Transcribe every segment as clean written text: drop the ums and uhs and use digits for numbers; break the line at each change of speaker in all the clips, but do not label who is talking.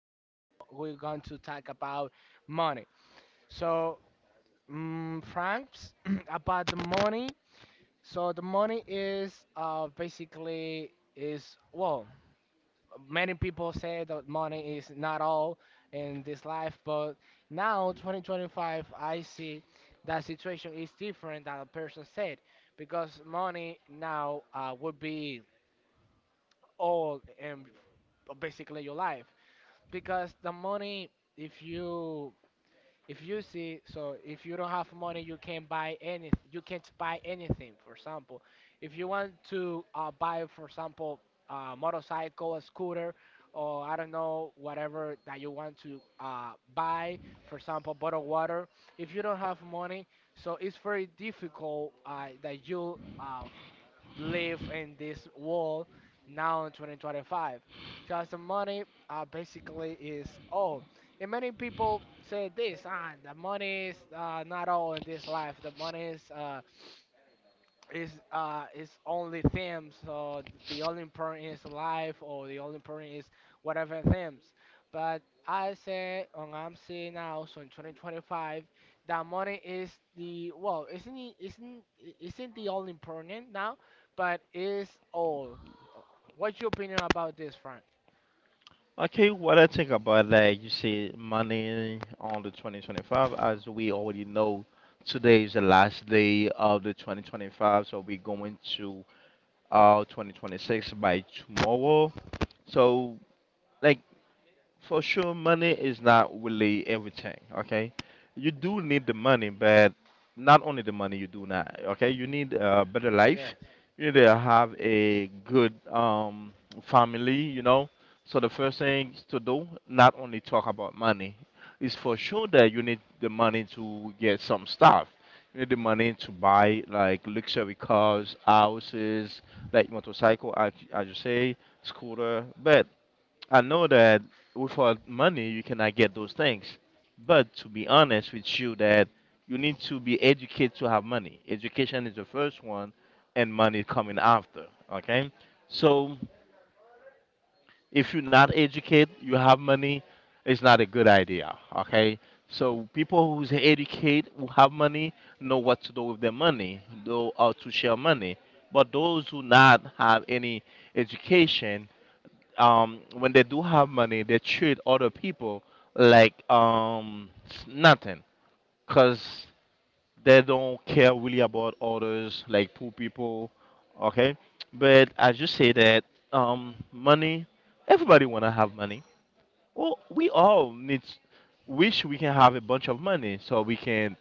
want we wa- we're going to talk about money. So, Franks, about the money. So the money is basically is, well, many people say that money is not all in this life, but now 2025, I see that situation is different than a person said, because money now would be all and basically your life, because the money, if you, if you see, so if you don't have money, you can't buy any. You can't buy anything. For example, if you want to buy, for example, a motorcycle, a scooter, or I don't know, whatever that you want to buy, for example, bottled water. If you don't have money, so it's very difficult that you live in this world now in 2025, because the money basically is all. And many people say this, the money is not all in this life. The money is is only things. So the only important is life, or the only important is whatever things. But I say, and I'm saying now, so in 2025, that money is the, well, isn't it, isn't the only important now, but is all. What's your opinion about this, Frank?
Okay, what I think about that, you see money on the 2025, as we already know, today is the last day of the 2025, so we're going to 2026 by tomorrow. So like for sure money is not really everything, okay. You do need the money, but not only the money. You do not, okay, you need a better life.
Yes.
You need to have a good family, you know. So the first thing to do, not only talk about money, is for sure that you need the money to get some stuff. You need the money to buy like luxury cars, houses, like motorcycle, as you say, scooter. But I know that without money you cannot get those things. But to be honest with you, that you need to be educated to have money. Education is the first one, and money coming after. Okay, so if you're not educated, you have money, it's not a good idea. Okay, so people who's educated who have money know what to do with their money, know how to share money. But those who not have any education, when they do have money, they treat other people like, nothing, cause they don't care really about others, like poor people. Okay, but as you say that, money, everybody wanna have money. Well, we all need, wish we can have a bunch of money so we can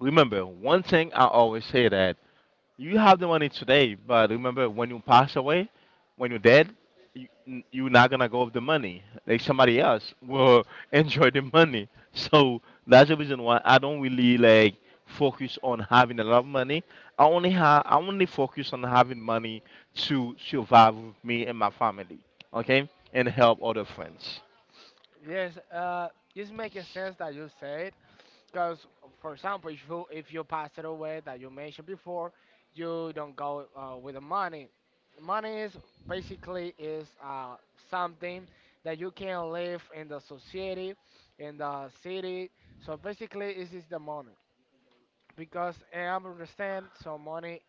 remember one thing. I always say that you have the money today, but remember when you pass away, when you're dead, you're not gonna go with the money. Like somebody else will enjoy the money. So that's the reason why I don't really like focus on having a lot of money. I only focus on having money to survive with me and my family. Okay, and help other friends.
Yes. This makes sense that you said. Because, for example, if you, if you pass it away that you mentioned before, you don't go with the money. Money is basically is something that you can live in the society, in the city. So basically, this is the money. Because I understand, so money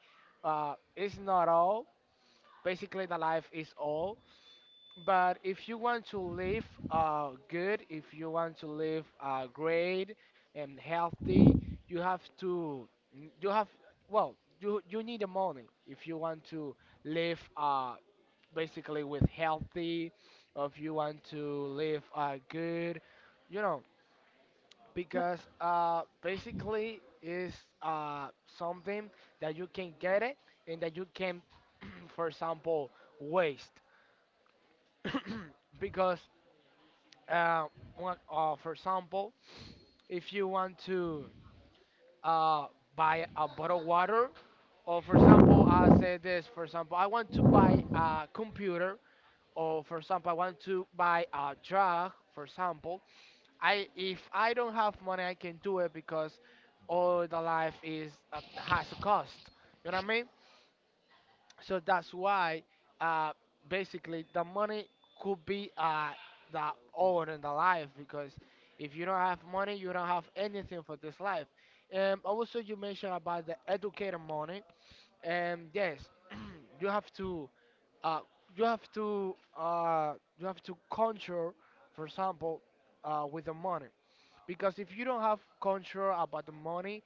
is not all. Basically, the life is all. But if you want to live good, if you want to live great and healthy, you have to, you have, well, you need the money if you want to live basically with healthy, or if you want to live good, you know, because basically is uh, something that you can get it, and that you can, for example, waste. Because uh, one, for example, if you want to uh, buy a bottle of water, or for example, I say this, for example, I want to buy a computer, or for example, I want to buy a drug, for example, I, if I don't have money, I can do it, because all the life is has a cost. You know what I mean? So that's why, uh, basically, the money could be the all in the life, because if you don't have money, you don't have anything for this life. Also, you mentioned about the educator money. Yes, you have to, uh, you have to, you have to control, for example, with the money, because if you don't have control about the money,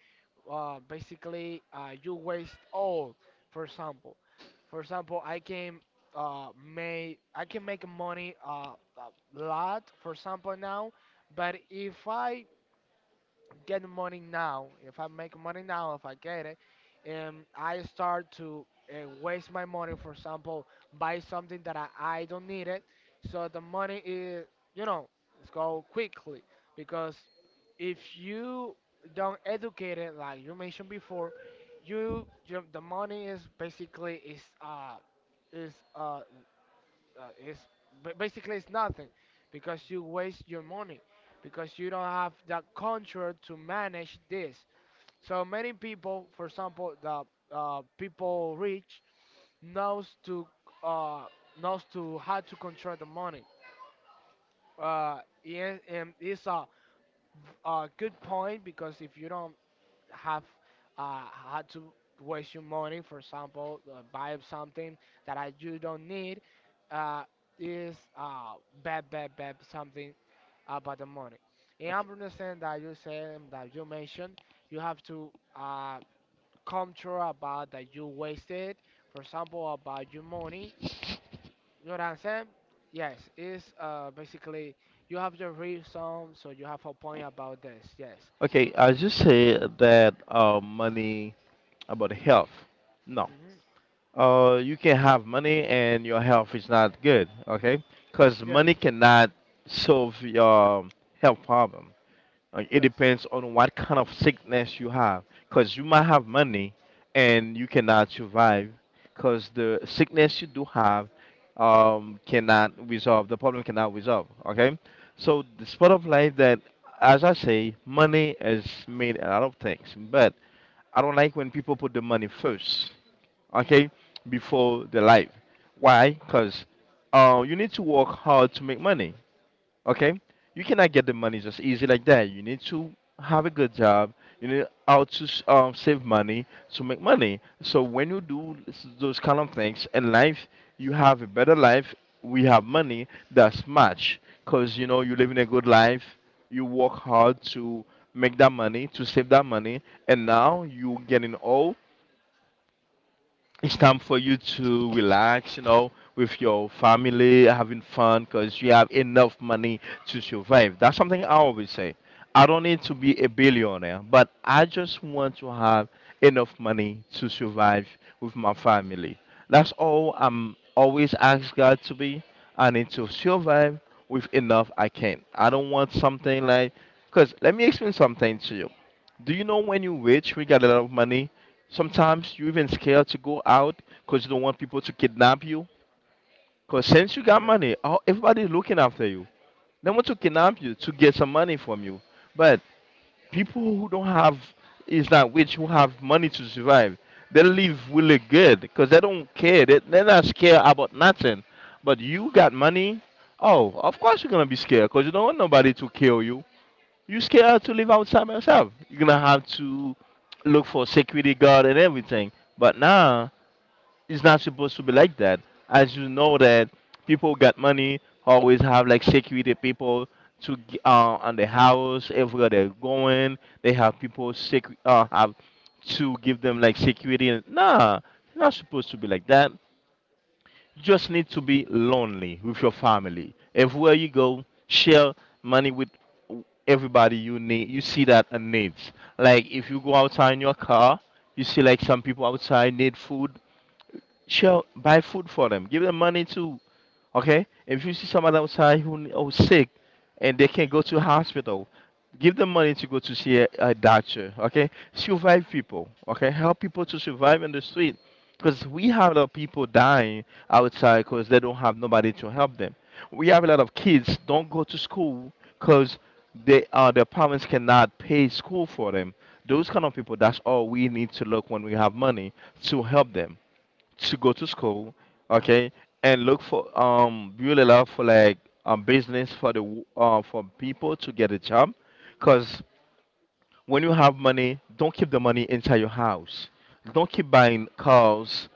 basically you waste all. For example for example I can make money a lot, for example, now. But if I get money now, if I make money now, if I get it, and I start to waste my money, for example, buy something that I don't need it, so the money is, you know, it's go quickly, because if you don't educate it, like you mentioned before, you the money is basically is it's, basically it's nothing, because you waste your money, because you don't have the control to manage this. So many people, for example, the people rich knows to uh, knows to how to control the money. Yeah, and it's a good point, because if you don't have uh, had to waste your money, for example, buy something that I, you don't need, uh, is bad, bad, bad something about the money. And I understand that you said that you mentioned you have to uh, come true about that you wasted, for example, about your money. You know what I'm saying? Yes, it's basically you have your reason, so you have a point about this. Yes.
Okay, I just say that money about health. No,
Hmm.
you can have money and your health is not good, okay? Because money
Yes.
cannot solve your health problem. Like, it
Yes.
depends on what kind of sickness you have. Because you might have money and you cannot survive. Because the sickness you do have, cannot resolve, the problem cannot resolve, okay? So, the part of life that, as I say, money has made a lot of things. But I don't like when people put the money first, okay, before the life. Why? Because you need to work hard to make money, okay? You cannot get the money just easy like that. You need to have a good job. You need how to save money to make money. So when you do those kind of things in life, you have a better life. We have money that's much because you know you live in a good life. You work hard to make that money, to save that money, and now you getting old, it's time for you to relax, you know, with your family, having fun, because you have enough money to survive. That's something I always say. I don't need to be a billionaire, but I just want to have enough money to survive with my family. That's all I'm always ask God to be. I need to survive with enough I can. I don't want something like, because let me explain something to you. Do you know when you're rich, we got a lot of money? Sometimes you even scared to go out because you don't want people to kidnap you. Because since you got
Yes.
money, everybody's looking after you. They want to kidnap you to get some money from you. But people who don't have, is not rich, who have money to survive, they live really good because they don't care. They're not scared about nothing. But you got money, oh, of course you're going to be scared because you don't want nobody to kill you. You scared to live outside by yourself. You're going to have to look for security guard and everything. But now it's not supposed to be like that. As you know that people got money, always have like security people to on the house everywhere they're going. They have people sec have to give them like security. And, nah, it's not supposed to be like that. You just need to be lonely with your family. Everywhere you go, share money with everybody you need. You see that a needs. Like if you go outside in your car, you see like some people outside need food. Sure, buy food for them. Give them money too. Okay? If you see somebody outside who's sick and they can't go to hospital, give them money to go to see a doctor. Okay? Survive people. Okay? Help people to survive in the street. Because we have a lot of people dying outside because they don't have nobody to help them. We have a lot of kids don't go to school because they, their parents cannot pay school for them. Those kind of people, that's all we need to look when we have money to help them to go to school, okay, and look for, build really love for like business for the for people to get a job, cause when you have money, don't keep the money inside your house. Don't keep buying cars,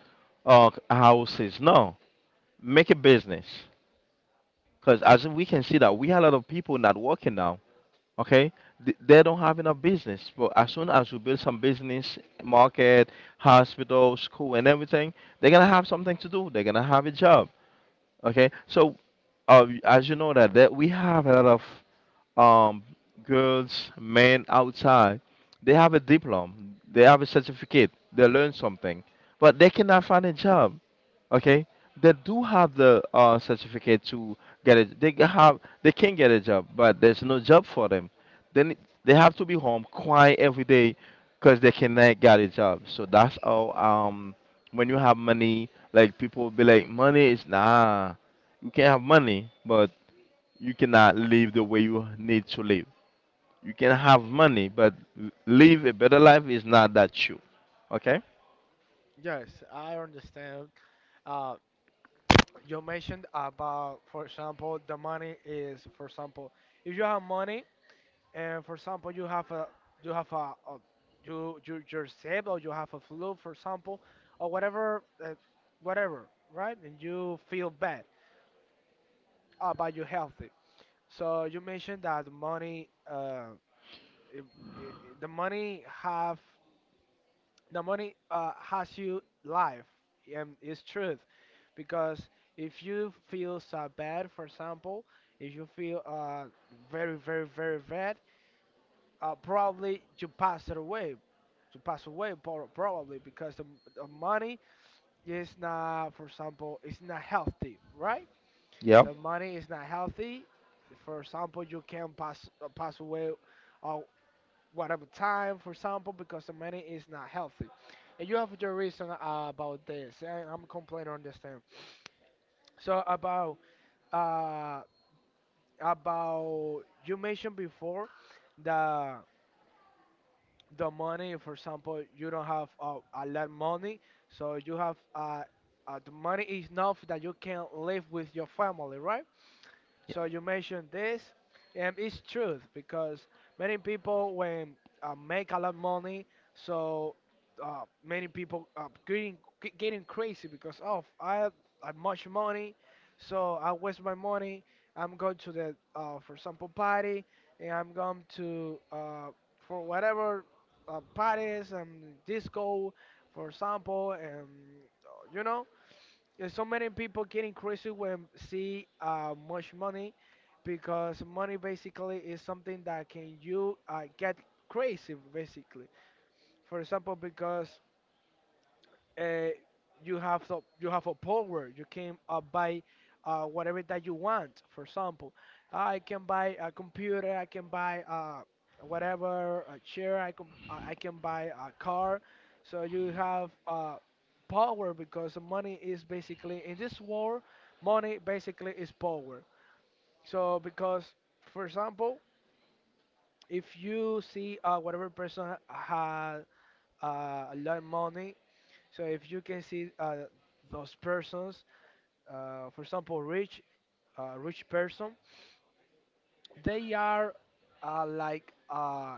houses. No, make a business. Cause as we can see that we have a lot of people not working now. Okay, they don't have enough business. But as soon as you build some business, market, hospital, school, and everything, they're gonna have something to do. They're gonna have a job. Okay, so as you know that, we have a lot of, girls, men outside. They have a diploma, they have a certificate, they learn something, but they cannot find a job, okay. They do have the certificate to get it, they g- have they can get a job, but there's no job for them. Then they have to be home crying every day because they cannot get a job. So that's how, when you have money, like people will be like, money is nah, you can have money but you cannot live the way you need to live. You can have money but live a better life is not that true. Okay.
Yes, I understand. Uh, you mentioned about, for example, the money is, for example, if you have money and, for example, you have a you, you, you're sick or you have a flu, for example, or whatever, whatever, right? And you feel bad, but you're healthy. So you mentioned that money, I the money have, the money has you life, and it's truth, because if you feel so bad, for example, if you feel very, very, very bad, probably you pass it away, you pass away, probably, because the money is not, for example, it's not healthy, right?
Yep.
The money is not healthy, for example, you can pass, pass away uh, whatever time, for example, because the money is not healthy. And you have your reason about this. And I'm completely understand. So about uh you mentioned before the the money. For example, you don't have a lot money, so you have the money is enough that you can live with your family, right? So you mentioned this, and it's truth, because many people when make a lot of money, so many people are getting, getting crazy, because, oh, I have much money, so I waste my money. I'm going to the for example party, and I'm going to for whatever parties and disco, for example, and you know, there's so many people getting crazy when see much money, because money basically is something that can you get crazy basically. For example, because uh, you have the, you have a power. You can buy whatever that you want. For example, I can buy a computer. I can buy whatever a chair. I can buy a car. So you have power, because money is basically in this world, money basically is power. So because, for example, if you see whatever person had a lot of money, so if you can see those persons, for example, rich, rich person, they are like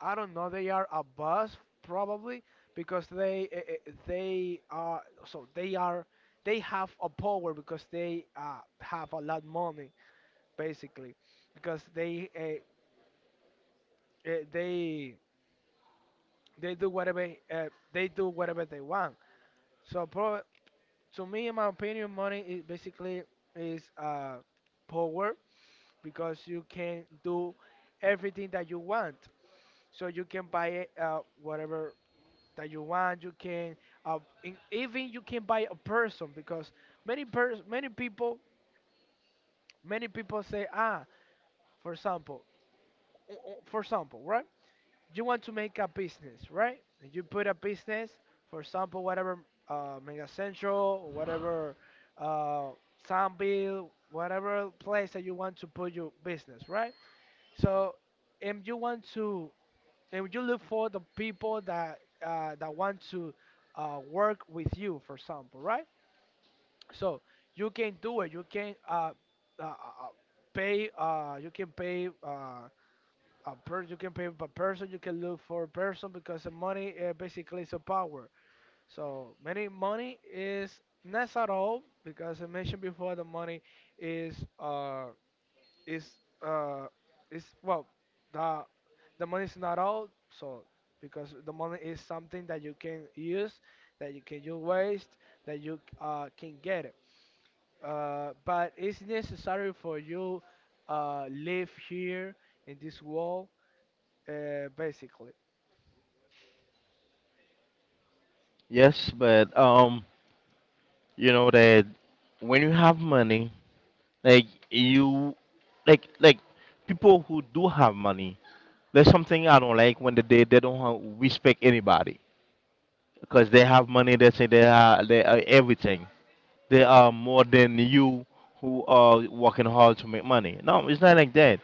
I don't know, they are a boss probably, because they are, so they are, they have a power because they have a lot money basically, because they they do whatever they do whatever they want. So pro- to me, in my opinion, money is basically is power, because you can do everything that you want. So you can buy it, whatever that you want. You can even you can buy a person, because many people, many people say, ah, for example, for example, right, you want to make a business, right? And you put a business, for example, whatever Mega Central, whatever uh, Sunville, whatever place that you want to put your business, right? So, and you want to, and you look for the people that that want to work with you, for example, right? So you can do it. You can uh, uh, uh, pay. You can pay. A person, you can pay per person, you can look for a person, because the money basically is a power. So many money is not at all, because I mentioned before the money is uh is uh is, well, the the money is not all. So because the money is something that you can use, that you can, you waste, that you can get it, but it's necessary for you live here in this world, basically.
Yes, but you know that when you have money, like you like people who do have money, there's something I don't like when they don't respect anybody,
Yes.
because they have money they say they are, they are everything, they are more than you who are working hard to make money. No, it's not like that.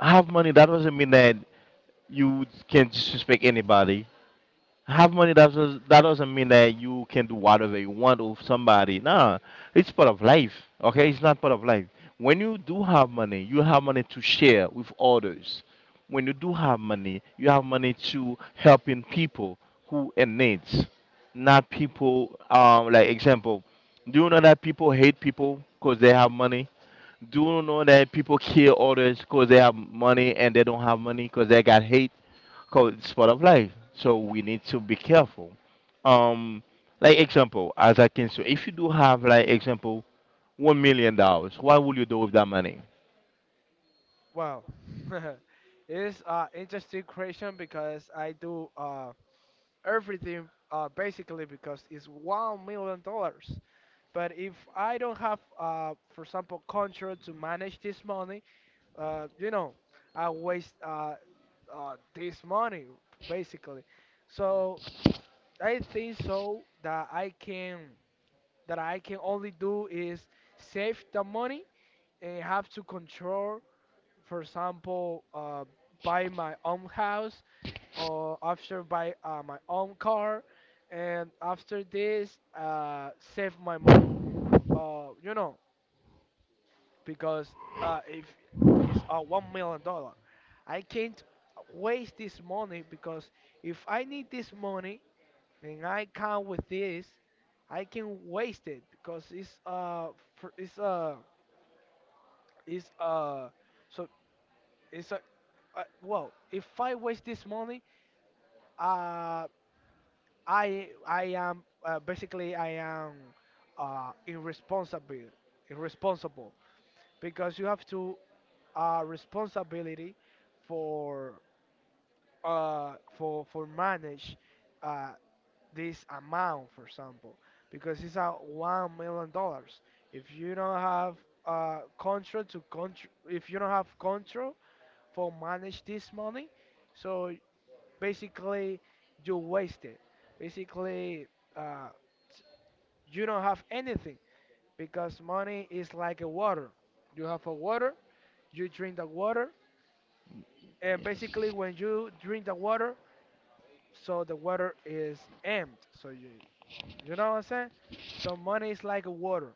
Have money that doesn't mean that you can disrespect anybody. Have money that doesn't mean that you can do whatever you want with somebody. Nah, it's part of life. Okay, it's not part of life. When you do have money, you have money to share with others. When you do have money, you have money to helping people who in needs, not people. Like example, do you know that people hate people because they have money? Do you know that people kill others because they have money and they don't have money because they got hate? Called sport of life. So we need to be careful. Um, like example, as I can say, if you do have like example $1 million, what will you do with that money?
Wow, it's interesting question because I do everything basically because it's $1,000,000. But if I don't have for example control to manage this money, you know, I waste this money basically. So I think so that I can only do is save the money. Have to control, for example, buy my own house, or after buy my own car, and after this, save my money. You know, because if it's $1,000,000, I can't waste this money, because if I need this money and I come with this, I can waste it, because it's fr- it's so it's a, well, if I waste this money, uh, I am irresponsible, irresponsible, because you have to responsibility for manage uh, this amount, for example, because it's a $1,000,000. If you don't have if you don't have control for manage this money, so basically you waste it. Basically, uh, s- you don't have anything because money is like a water. You have a water, you drink the water, and basically when you drink the water, the water is empty. So you know what I'm saying? So money is like a water,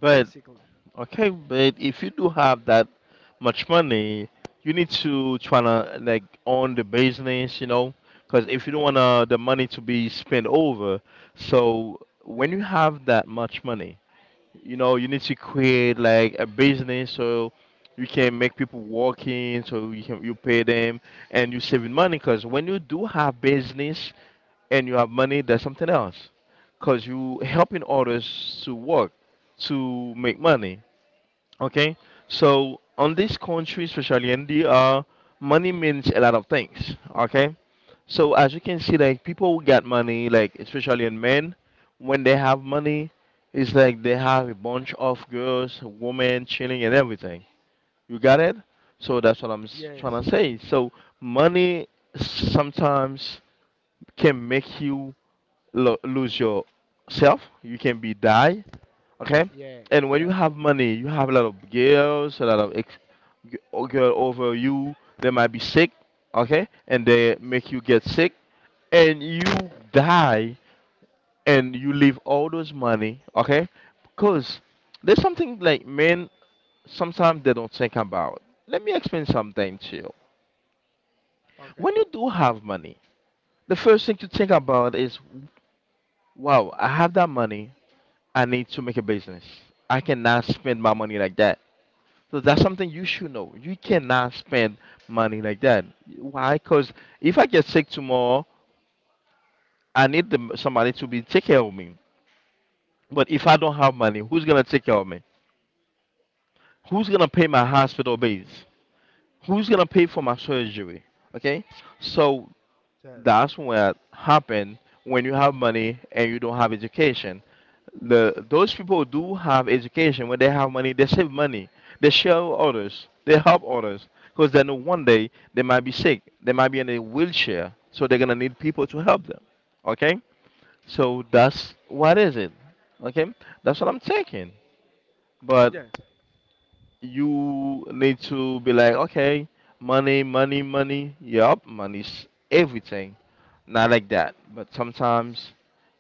But
basically.
okay, but if you do have that much money, you need to try to like own the business, you know, because if you don't want
Yes,
the money to be spent over, so when you
yes,
have that much money, you know you need to create like a business so you can make people walk in so you can, you pay them, and you're saving money, because when you do have business and you have money that's something else, because you helping others to work to make money. Okay, so on this country, especially India, money means a lot of things. Okay, so as you can see, like people who get money, like especially in men, when they have money, it's like they have a bunch of girls, women chilling and everything. You got it? So that's what I'm
yes,
trying to say. So money sometimes can make you lose your self. You can be die, okay?
yes,
And when you
yes.
have money, you have a lot of girls, a lot of girl over you. They might be sick, okay? And they make you get sick, and you die, and you leave all those money, okay? Because there's something like men sometimes they don't think about. Let me explain something to you.
Okay.
When you do have money, the first thing to think about is, wow, I have that money. I need to make a business. I cannot spend my money like that. So that's something you should know. You cannot spend money like that. Why? Because if I get sick tomorrow, I need somebody to be take care of me. But if I don't have money, who's gonna take care of me? Who's gonna pay my hospital bills? Who's gonna pay for my surgery? Okay. So
Yes,
that's what happen when you have money and you don't have education. The those people who do have education, when they have money, they save money. They share with others. They help others because they know one day they might be sick. They might be in a wheelchair, so they're gonna need people to help them. Okay, so that's what is it. Okay, that's what I'm thinking. But
yes,
you need to be like, okay, money, money, money. Yup, money's everything. Not like that. But sometimes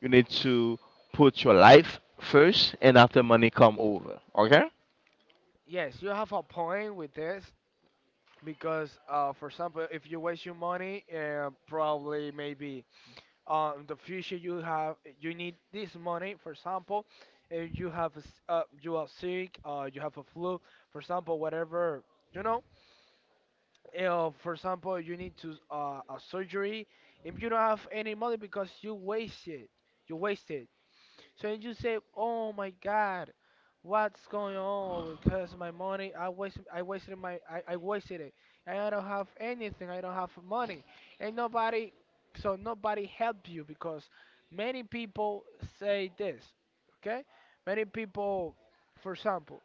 you need to put your life first and after money come over. Okay?
yes. You have a point with this. Because for example, if you waste your money, probably maybe in the future you have you need this money. For example, if you have a s you are sick, you have a flu, for example, whatever, you know, for example, you need to a surgery. If you don't have any money because you waste it, you waste it so then you say, "Oh my God, what's going on? Because my money, I wasted, I wasted I wasted it. And I don't have anything. I don't have money, and nobody, so nobody help you because many people say this. Okay, many people, for example,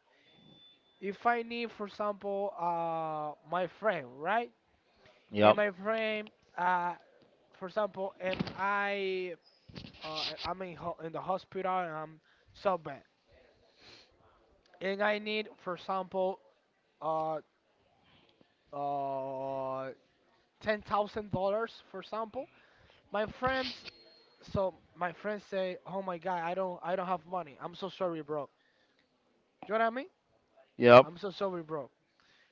if I need, for example, my friend, right? And
Yup.
my friend, uh, for example, I'm in, ho in the hospital and I'm so bad, and I need, for example, uh, uh, $10,000, for example. My friends, so my friends say, "Oh my God, I don't have money. I'm so sorry, bro." You know what I mean?
Yup.
I'm so sorry, bro.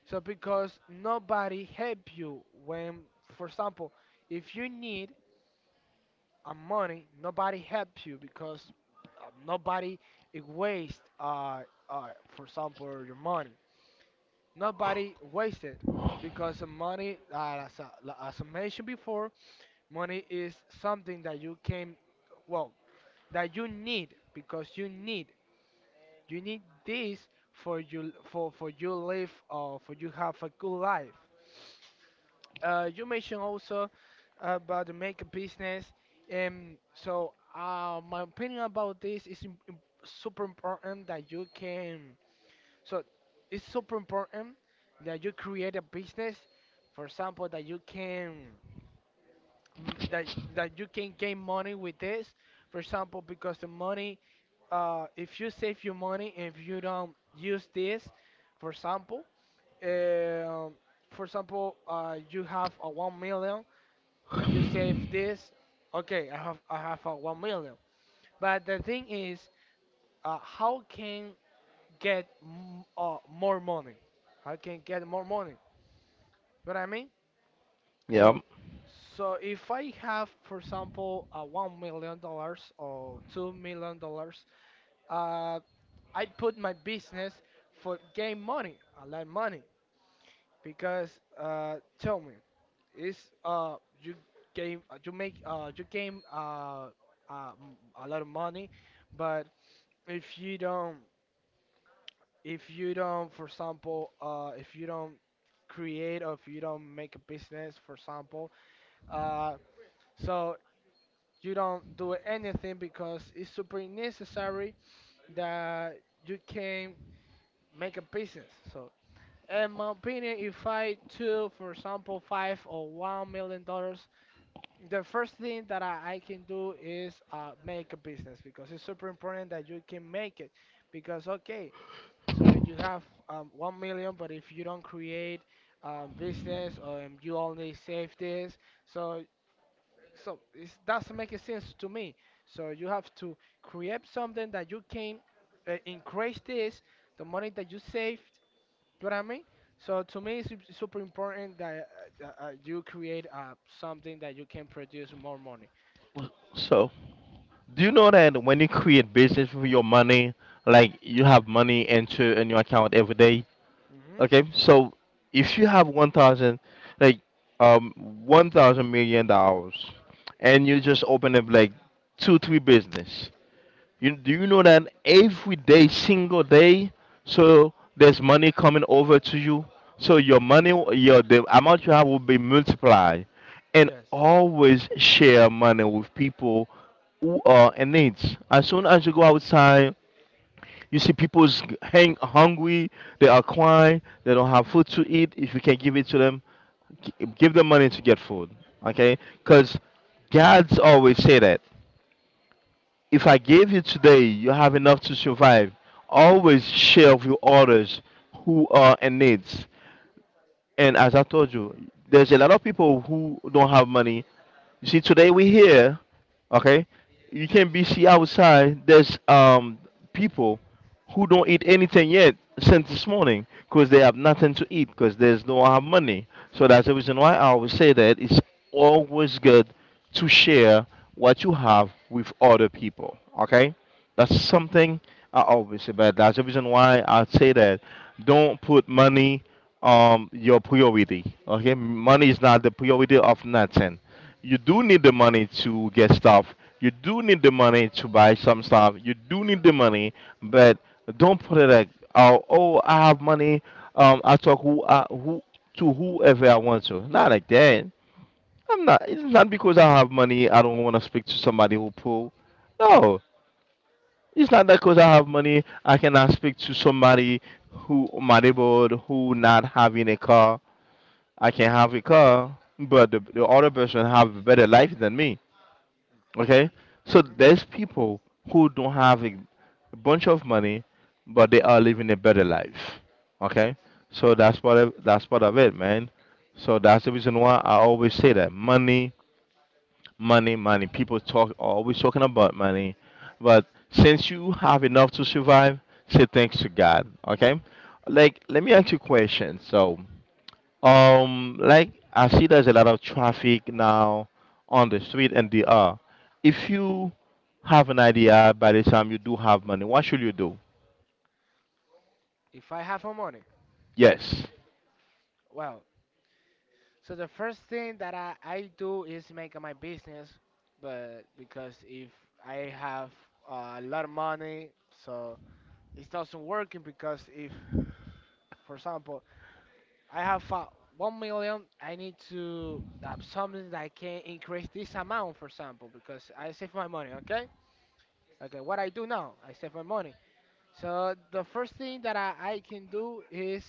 So because nobody help you when, for example, if you need a money, nobody help you because nobody waste, uh, uh, for example, your money. Nobody wasted because the money, as I mentioned before, money is something that you came, well, that you need because you need this for you, for you live or for you have a good life. You mentioned also about the makeup business, and so my opinion about this is super important that you can so it's super important that you create a business, for example, that you can, mm, that that you can gain money with this. For example, because the money, if you save your money, if you don't use this, for example, um for example, you have a 1 million, and you save this, okay, I have a 1 million. But the thing is, how can get more money? How can get more money? You know what I mean? So,
Yup.
so if I have, for example, a $1 million or $2 million, uh, I put my business for gain money, a lot of money, because, tell me, is uh you gain, you gain, uh m- a lot of money. But if you don't, for example, if you don't create or if you don't make a business, for example, uh so you don't do anything because it's super necessary that you can make a business. So, in my opinion, if I took, for example, five or $1 million, the first thing that I can do is make a business because it's super important that you can make it. Because, okay, so you have 1 million, but if you don't create business, or you only save this, so so it doesn't make sense to me. So you have to create something that you can increase this, the money that you saved. Do you know what I mean? So to me, it's super important that you create something that you can produce more money.
So, do you know that when you create business with your money, like you have money enter in your account every day?
Hmm.
Okay, so if you have 1,000, like one thousand million dollars, and you just open up like two three business, you do you know that every day, single day, so there's money coming over to you. So your money, your the amount you have will be multiplied, and
Yes,
always share money with people who are in needs. As soon as you go outside you see people's hang hungry, they are crying, they don't have food to eat. If you can give it to them, give them money to get food. Okay? Cuz God's always say that. If I gave you today, you have enough to survive. Always share with others who are in needs. And as I told you, there's a lot of people who don't have money. You see, today we here, okay? You can
yes.
be see outside. There's people who don't eat anything yet since this morning because they have nothing to eat because there's no have money. So that's the reason why I always say that it's always good to share what you have with other people. Okay? That's something I always say, but that's the reason why I say that don't put money your priority. Okay, money is not the priority of nothing. You do need the money to get stuff. You do need the money to buy some stuff. You do need the money, but don't put it like, oh, oh I have money. I talk who to whoever I want to. Not like that. I'm not. It's not because I have money. I don't want to speak to somebody who poor. No, it's not that because I have money, I cannot speak to somebody who my neighborhood who not having a car. I can have a car, but the other person have a better life than me. Okay, so
Hmm.
there's people who don't have a bunch of money, but they are living a better life. Okay, so that's part of it, man. So that's the reason why I always say that money money, money. People talk always talking about money, but since you have enough to survive, say thanks to God. Okay, like let me ask you a question. So, like I see there's a lot of traffic now on the street, and they are. If you have an idea by the time you do have money, what should you do?
If I have a money,
Yes.
well, so the first thing that I do is make my business. But because if I have a lot of money, so it's not working because if, for example, I have 1 million, I need to have something that I can increase this amount, for example, because I save my money. Okay, okay. What I do now, I save my money. So the first thing that I can do is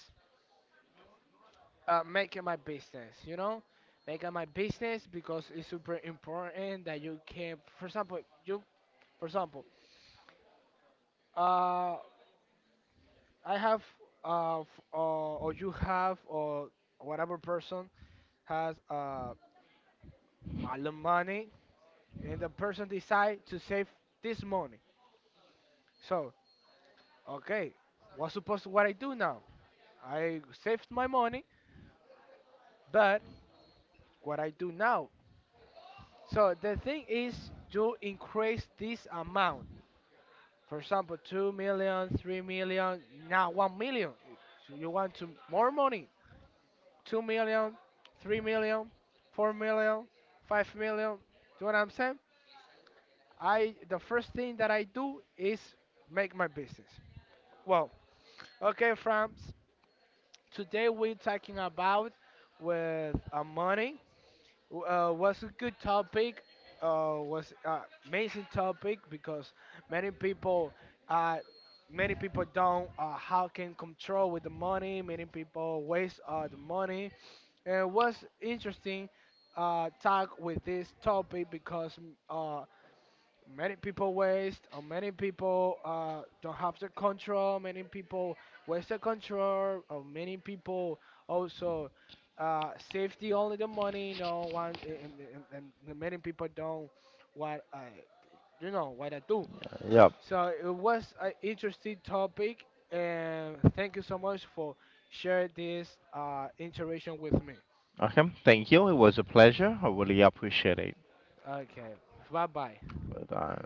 making my business. You know, making my business because it's super important that you can, for example, you, for example, uh, I have uh, f- uh, or you have, or whatever person has a lot of money, and the person decide to save this money. So, okay, what's supposed what I do now? I saved my money, but what I do now? So the thing is, you increase this amount. For example, 2 million, 3 million, now 1 million. So you want to more money? 2 million, 3 million, 4 million, 5 million. Do you know what I'm saying? I The first thing that I do is make my business. Well, okay, friends. Today we're talking about with money. Was a good topic. Was amazing topic because many people, uh, many people don't, how can control with the money. Many people waste the money. And it was interesting talk with this topic because many people waste, or many people, don't have the control. Many people waste the control, or many people also safety only the money. No one, and many people don't what I, you know, what I do.
Yep.
So it was an interesting topic, and thank you so much for sharing this interaction with me.
Okay. Thank you. It was a pleasure. I really appreciate it.
Okay, bye bye.
But,